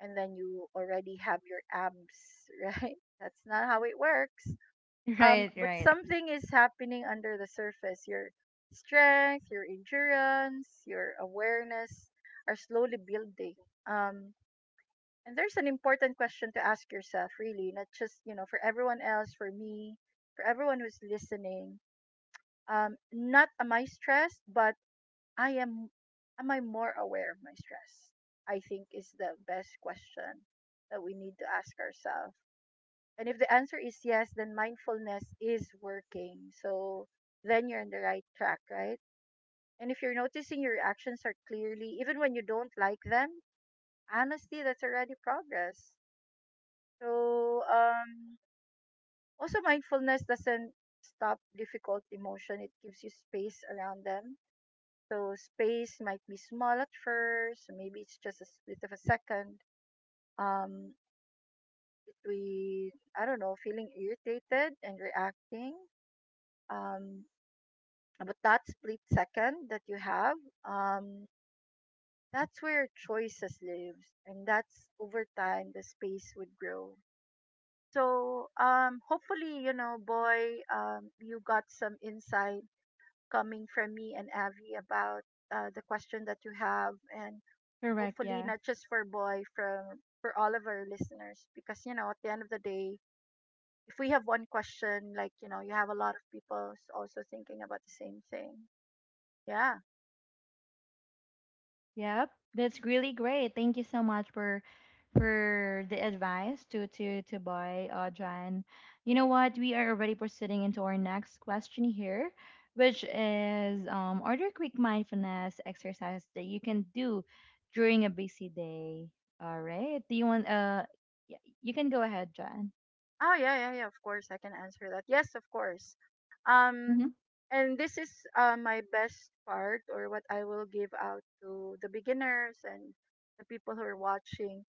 and then you already have your abs, <laughs> right? That's not how it works. Right, But right. something is happening under the surface, your strength, your endurance, your awareness are slowly building. um and there's an important question to ask yourself really, not just, you know, for everyone else, for me, for everyone who's listening, not am I stressed, but I am I more aware of my stress? I think is the best question that we need to ask ourselves. And if the answer is yes, then mindfulness is working. So then you're on the right track, right? And if you're noticing your actions are clearly, even when you don't like them, honestly, that's already progress. So also, mindfulness doesn't stop difficult emotion, it gives you space around them. So space might be small at first, maybe it's just a split of a second. Um, Between I don't know, feeling irritated and reacting, um, but that split second that you have, um, that's where choices lives, and that's over time the space would grow. So hopefully, you know, boy, you got some insight coming from me and Avi about the question that you have, and Correct, hopefully yeah. not just for boy, from for all of our listeners, because you know, at the end of the day, if we have one question, like you know, you have a lot of people also thinking about the same thing. Yeah. Yep, that's really great. Thank you so much for the advice to buy Audra. And you know what? We are already proceeding into our next question here, which is are there quick mindfulness exercises that you can do during a busy day? All right. Do you want uh? y- You can go ahead, John. Oh yeah, yeah, yeah. Of course, I can answer that. Yes, of course. Um, Mm-hmm. and this is my best part, or what I will give out to the beginners and the people who are watching.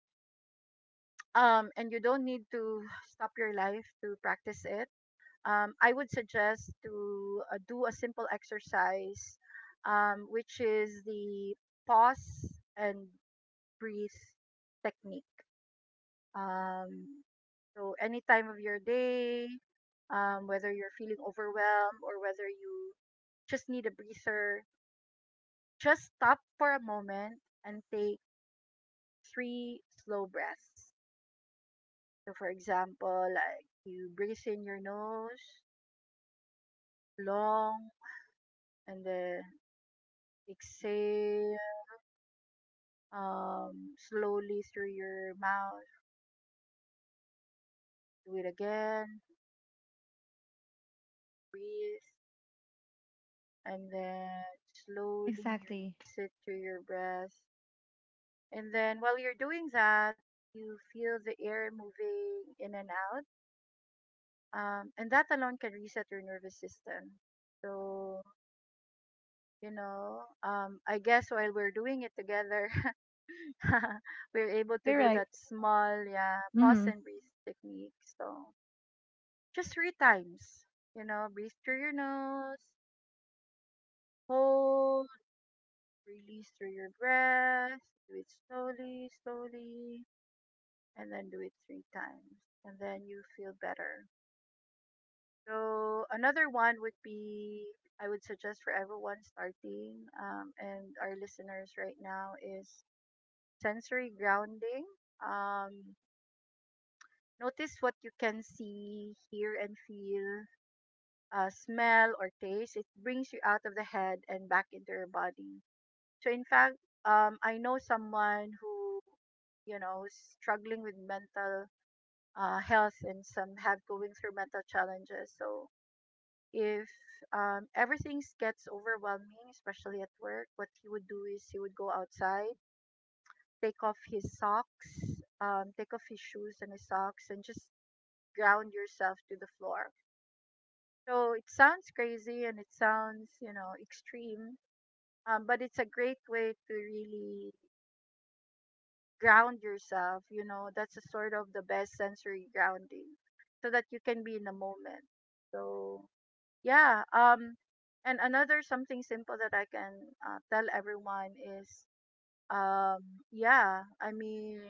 And you don't need to stop your life to practice it. I would suggest to do a simple exercise, which is the pause and breathe technique. Um, so any time of your day, whether you're feeling overwhelmed or whether you just need a breather, just stop for a moment and take three slow breaths. So, for example, like you breathe in your nose long and then exhale slowly through your mouth. Do it again. Breathe and then slowly Exactly. release it to your breath. And then while you're doing that, you feel the air moving in and out. And that alone can reset your nervous system. So, I guess while we're doing it together, <laughs> we're able to You're do right. that small, yeah, pause Mm-hmm. and breathe technique. So, just three times, breathe through your nose, hold, release through your breath, do it slowly, slowly, and then do it three times. And then you feel better. So another one would be I would suggest for everyone starting and our listeners right now is sensory grounding. Um, notice what you can see, hear, and feel, smell, or taste. It brings you out of the head and back into your body. So in fact, I know someone who who's struggling with mental health and some have going through mental challenges. So if everything gets overwhelming, especially at work, what he would do is he would go outside, take off his socks, take off his shoes and his socks, and just ground yourself to the floor. So it sounds crazy and it sounds, you know, extreme, but it's a great way to really ground yourself. You know, that's a sort of the best sensory grounding so that you can be in the moment. So yeah, and another something simple that I can tell everyone is um yeah I mean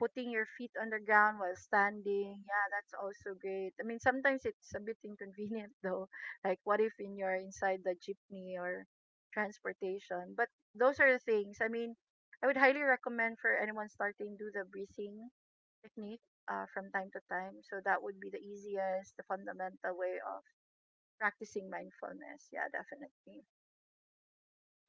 putting your feet on the ground while standing, yeah, that's also great. I mean sometimes it's a bit inconvenient <laughs> though, like what if in you're inside the jeepney or transportation, but those are the things. I mean I would highly recommend for anyone starting do the breathing technique from time to time, so that would be the easiest, the fundamental way of practicing mindfulness. Yeah, definitely.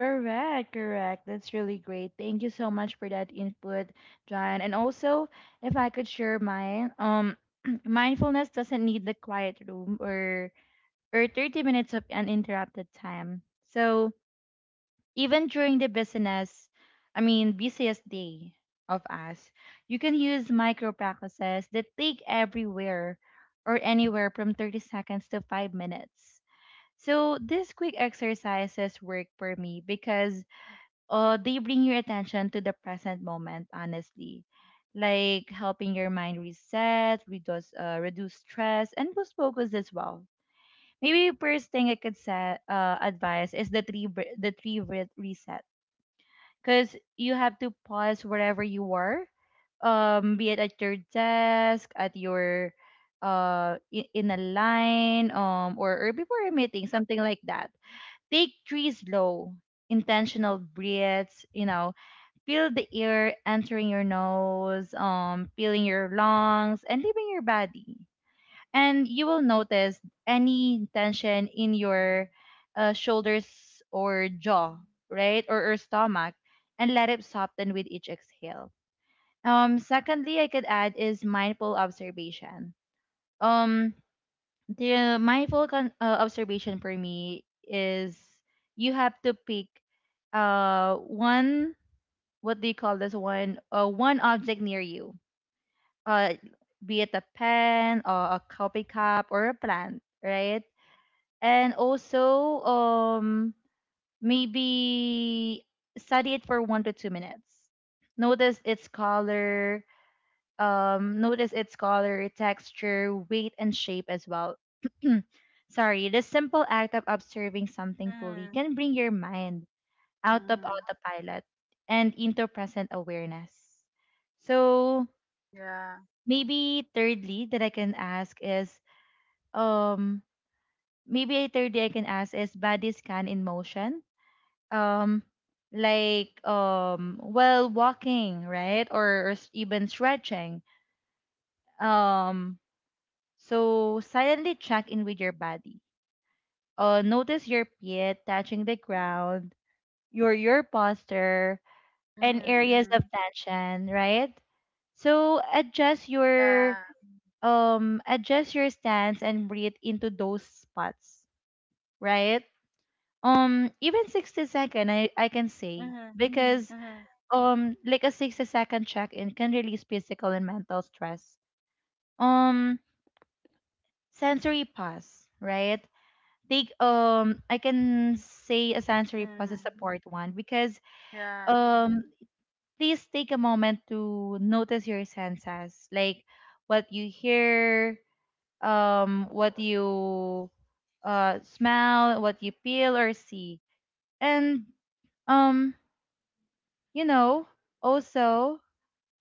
Correct, correct. That's really great. Thank you so much for that input, John. And also, if I could share mine, <clears throat> mindfulness doesn't need the quiet room or 30 minutes of uninterrupted time. So even during the business, I mean busiest day of us, you can use micro practices that take everywhere or anywhere from 30 seconds to 5 minutes. So these quick exercises work for me because they bring your attention to the present moment, honestly, like helping your mind reset, reduce stress, and boost focus as well. Maybe first thing I could say, advise is the the three breath reset, because you have to pause wherever you were, be it at your desk, at your in a line or before a meeting, something like that. Take three slow, intentional breaths, you know. Feel the air entering your nose, feeling your lungs, and leaving your body. And you will notice any tension in your shoulders or jaw, right? Or stomach, and let it soften with each exhale. Secondly, I could add is mindful observation. Um, the mindful observation for me is you have to pick one, what do you call this one? One object near you, uh, be it a pen or a coffee cup or a plant, right? And also, maybe study it for 1 to 2 minutes. Notice its color. Notice its color, texture, weight, and shape as well. <clears throat> Sorry, the simple act of observing something fully Mm, can bring your mind out of mm, autopilot and into present awareness. So yeah. maybe thirdly that I can ask is um maybe thirdly I can ask is body scan in motion. Um like while walking, right? Or even stretching. Um so silently check in with your body. Notice your feet touching the ground, your posture, and Mm, areas mm, of tension, right? So yeah. Adjust your stance and breathe into those spots, right? Even 60 second, I can say, Mm, mm-hmm, because mm, like a 60-second check in can release physical and mental stress. Um Sensory pause, right? Take I can say a sensory pause is a mm, part one because yeah. um please take a moment to notice your senses, like what you hear, what you smell, what you feel or see, and um, you know, also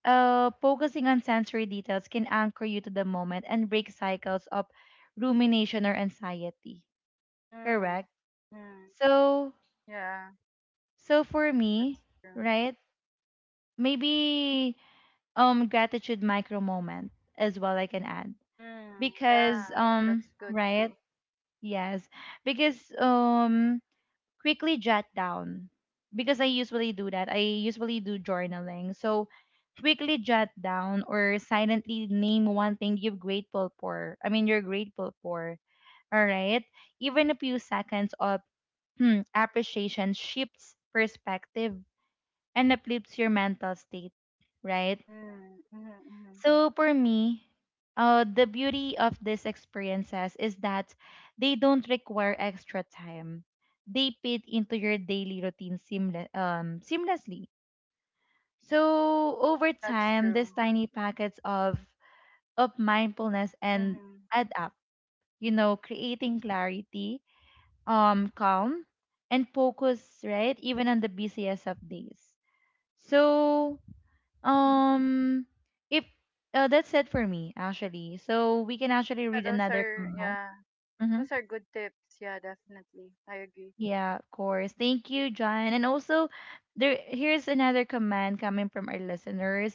focusing on sensory details can anchor you to the moment and break cycles of rumination or anxiety. Correct. Mm, mm, So, yeah. so for me, That's true. right? Maybe gratitude micro moment as well, I can add, Mm, because yeah. That's good right, too. yes, because quickly jot down, because I usually do journaling, so quickly jot down or silently name one thing you're grateful for, you're grateful for, all right, even a few seconds of, appreciation shifts perspective and uplifts your mental state, right? Mm, mm, mm. So for me, the beauty of these experiences is that they don't require extra time. They fit into your daily routine seamlessly. So over That's time, these true. tiny packets of mindfulness and Mm-hmm. add up. You know, creating clarity, calm, and focus. Right, even on the busiest of days. So um, if that's it for me, actually. So we can actually Yeah, read those another are, comment. yeah, Mhm. those are good tips. Yeah, definitely. I agree. Yeah, of course. Thank you, John. And also, there here's another command coming from our listeners.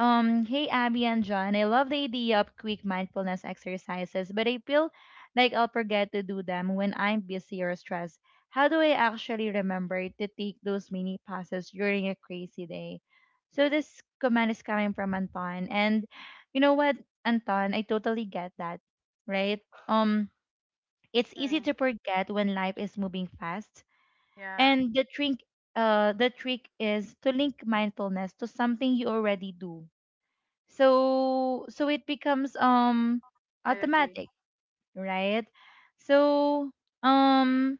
Hey Abby and John, I love the idea of quick mindfulness exercises, but I feel like I'll forget to do them when I'm busy or stressed. How do I actually remember to take those mini pauses during a crazy day? So this command is coming from Anton, and you know what, Anton, I totally get that, right? Um, it's easy to Mm, forget when life is moving fast, yeah. and the trick is to link mindfulness to something you already do. So it becomes Mm, I agree. automatic, right? So, um,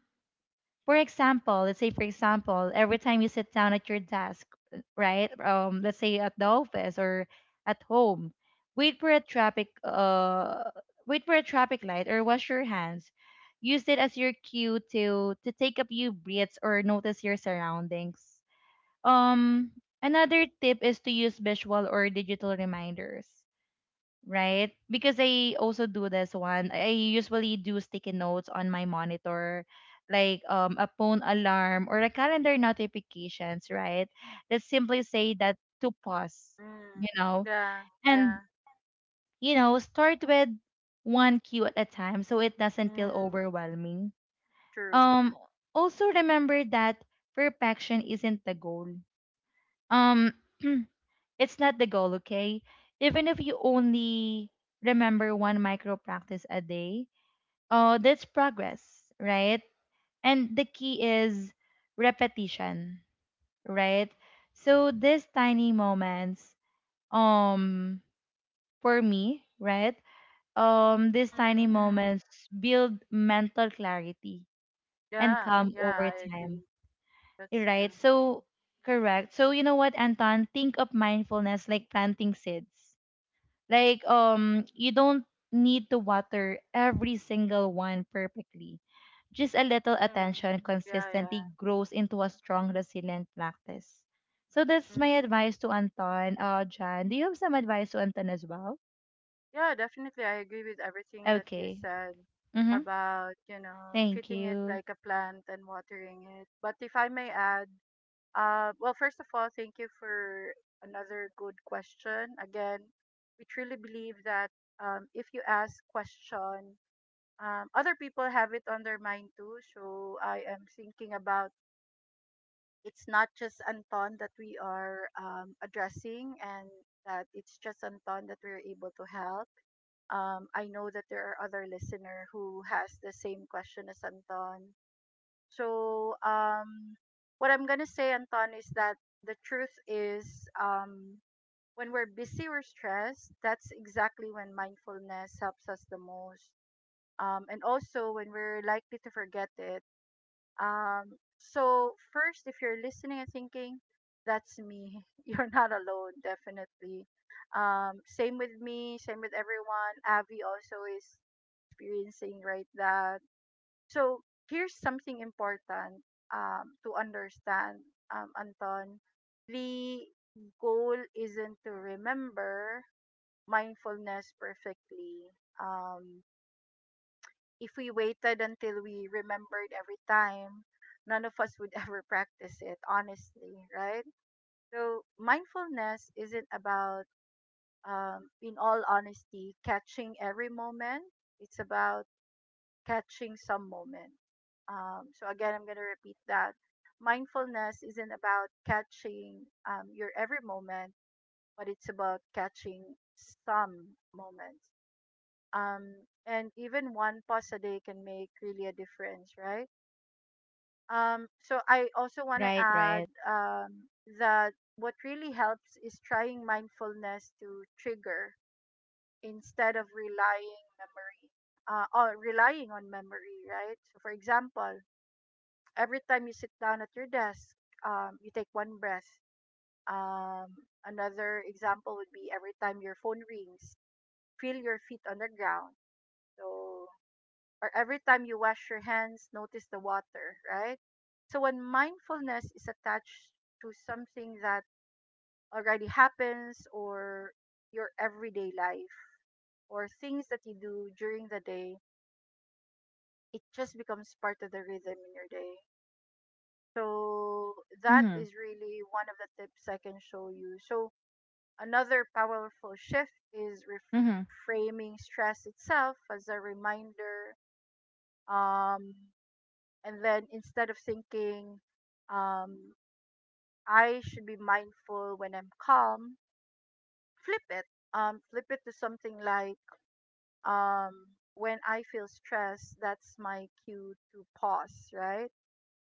for example, every time you sit down at your desk, right? Let's say at the office or at home, wait for a traffic uh wait for a traffic light or wash your hands. Use it as your cue to take a few breaths or notice your surroundings. Um Another tip is to use visual or digital reminders, right? Because I also do this one. I usually do sticky notes on my monitor, like a phone alarm or a calendar notifications, right? That simply say that to pause, you Mm, know, yeah. and Yeah. you know, start with one cue at a time so it doesn't feel Mm, overwhelming. true. Um, Also remember that perfection isn't the goal. Um, <clears throat> it's not the goal, okay? Even if you only remember one micro practice a day, oh, that's progress, right? And the key is repetition, right? So these tiny moments, um, for me, right? These Mm, tiny mm. moments build mental clarity and Yeah, calm yeah, over I agree. time, That's right? true. So correct. So you know what, Anton? Think of mindfulness like planting seeds. Like you don't need to water every single one perfectly. Just a little Mm. attention Yeah, consistently yeah. grows into a strong, resilient practice. So that's my Mm. advice to Anton. Uh, John, do you have some advice to Anton as well? Yeah, definitely. I agree with everything that you Okay. said Mhm. about, you know, Thank treating it you. like a plant and watering it. But if I may add, well, first of all, thank you for another good question. Again, we truly believe that if you ask question, other people have it on their mind too. So I am thinking about it's not just Anton that we are addressing and that it's just Anton that we're able to help. I know that there are other listener who has the same question as Anton. So what I'm gonna say, Anton, is that the truth is um, when we're busy or stressed, that's exactly when mindfulness helps us the most. And also when we're likely to forget it, so first, if you're listening and thinking, that's me, <laughs> you're not alone, definitely. Same with me, same with everyone. Avi also is experiencing right that. So here's something important to understand, Anton. The goal isn't to remember mindfulness perfectly. Um, if we waited until we remembered every time, none of us would <laughs> ever practice it, honestly, right? So, mindfulness isn't about, in all honesty, catching every moment, it's about catching some moment. So, again, I'm going to repeat that. Mindfulness isn't about catching your every moment, but it's about catching some moments. And even one pause a day can make really a difference, right? So I also want to Right, add right. That what really helps is trying mindfulness to trigger instead of relying memory or relying on memory, right? So for example, every time you sit down at your desk, you take one breath. Um, another example would be every time your phone rings, feel your feet on the ground. So or every time you wash your hands, notice the water, right? So when mindfulness is attached to something that already happens or your everyday life or things that you do during the day, it just becomes part of the rhythm in your day. So that Mhm. is really one of the tips I can show you. So another powerful shift is Mhm. reframing stress itself as a reminder, um, and then instead of thinking, um, I should be mindful when I'm calm, flip it. Flip it to something like, when I feel stressed, that's my cue to pause, right?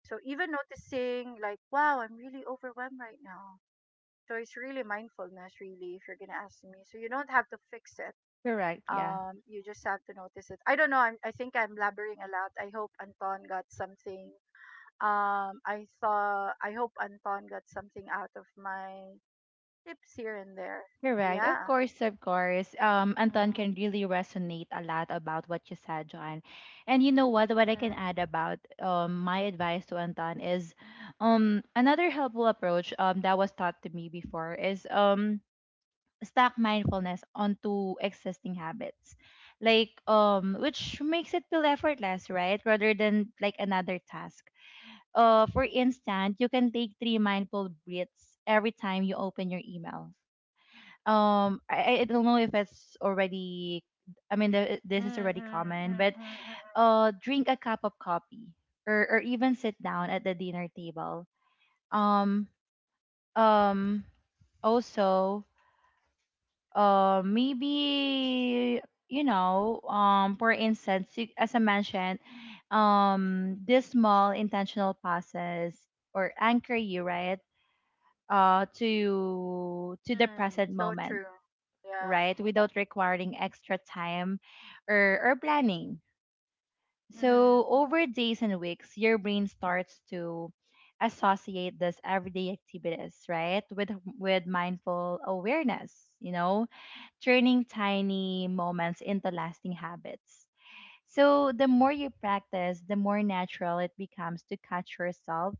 So even noticing like, wow, I'm really overwhelmed right now. So it's really mindfulness, really, if you're gonna ask me. So you don't have to fix it. Correct. Yeah. You just have to notice it. I don't know. I think I'm blabbering a lot. I hope Anton got something. I saw. I hope Anton got something out of my tips here and there. So Correct. Of yeah. course, of course. Anton Mm-hmm. can really resonate a lot about what you said, John. And you know what? What I can add Mm. about my advice to Anton is another helpful approach that was taught to me before is stack mindfulness onto existing habits. Like which makes it feel effortless, right? Rather than like another task. For instance, you can take three mindful breaths every time you open your email, I don't know if it's already, I mean, Mm, this is already mm, common, mm, but mm, mm, mm. Drink a cup of coffee or even sit down at the dinner table. um um Also, maybe you know, for instance, as I mentioned, this small intentional passes or anchor you, right, to the Mm, present so moment, true. Yeah. right? Without requiring extra time or planning. Mm-hmm. So, over days and weeks, your brain starts to associate this everyday activities, right? With mindful awareness, you know, turning tiny moments into lasting habits. So the more you practice, the more natural it becomes to catch yourself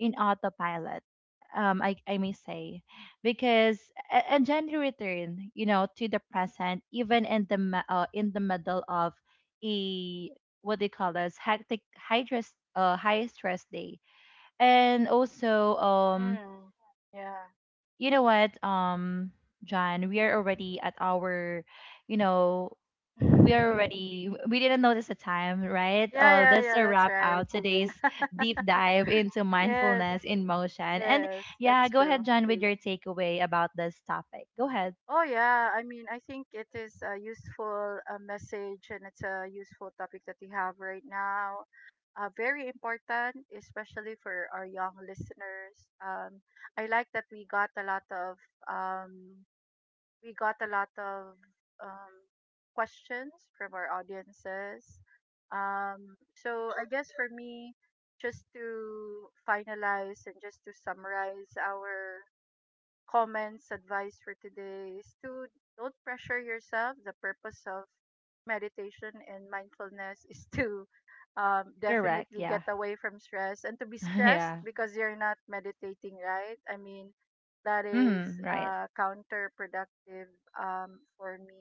in autopilot. I may say, because and gently return, you know, to the present, even in the middle of a what they call this hectic, high stress day, and also, Mm. Yeah. you know what, John, we are already at our, you know, we are <laughs> already we didn't notice the time, right? Yeah, yeah, That's yeah, a that's wrap right. out today's deep <laughs> dive into Yes. mindfulness in motion. And Yes, yeah, that's go true. ahead, John, with your takeaway about this topic. Go ahead. Oh yeah, I mean, I think it is a useful message and it's a useful topic that we have right now. Very important, especially for our young listeners. Um, I like that we got a lot of um, we got a lot of um, questions from our audiences. So I guess for me, just to finalize and just to summarize our comments, advice for today is to don't pressure yourself. The purpose of meditation and mindfulness is <laughs> to Correct, definitely get yeah. away from stress and to be <laughs> stressed Yeah. because you're not meditating, right? I mean, that is Mm, right. Counterproductive for me.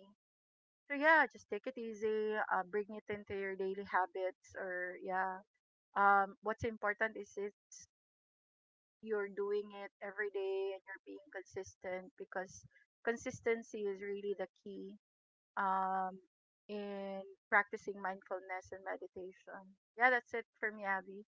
So yeah, just take it easy. Bring it into your daily habits, or yeah. What's important is it's you're doing it every day and you're being consistent because consistency is really the key um, in practicing mindfulness and meditation. Yeah, that's it for me, Abby.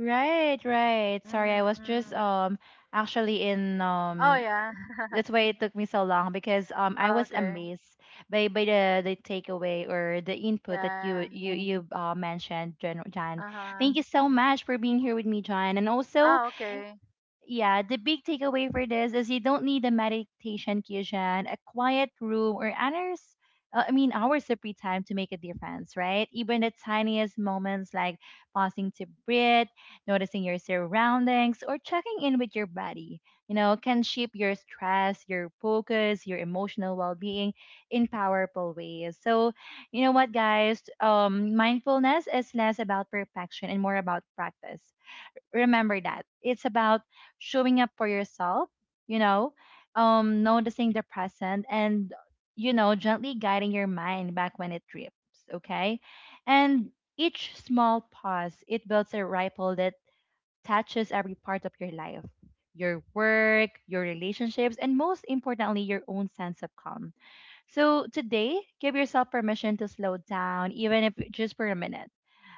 Right, right. Sorry, I was just Mm-mm. Actually in Oh, yeah. <laughs> that's why it took me so long, because I Oh, was okay. amazed by the takeaway or the input that you Yeah. you you uh, mentioned, Jan, Jan. Uh huh. Thank you so much for being here with me, John, and also Oh, okay. yeah, the big takeaway for this is you don't need a meditation cushion, a quiet room, or hours. I mean, hours of free time to make a difference, right? Even the tiniest moments like pausing to breathe, noticing your surroundings, or checking in with your body, you know, can shape your stress, your focus, your emotional well being in powerful ways. So, you know what, guys? Mindfulness is less about perfection and more about practice. Remember that it's about showing up for yourself, you know, noticing the present, and you know, gently guiding your mind back when it drifts, okay? And each small pause, it builds a ripple that touches every part of your life, your work, your relationships, and most importantly, your own sense of calm. So today, give yourself permission to slow down, even if just for a minute.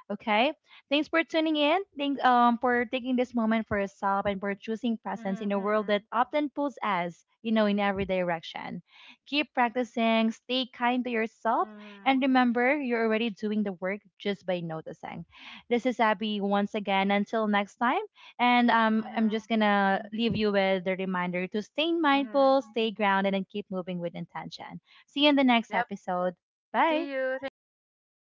Okay. Thanks for tuning in. Thanks for taking this moment for yourself and for choosing presence in a world Mm-mm. that often pulls us, you know, in every direction. Keep practicing, stay kind to yourself, Mm-hmm. and remember you're already doing the work just by noticing. This is Abby once again. Until next time. And I'm Mm-hmm. just gonna leave you with the reminder to stay mindful, Mm-hmm. stay grounded, and keep moving with intention. See you in the next Yep. episode. See Bye. you. Thank you.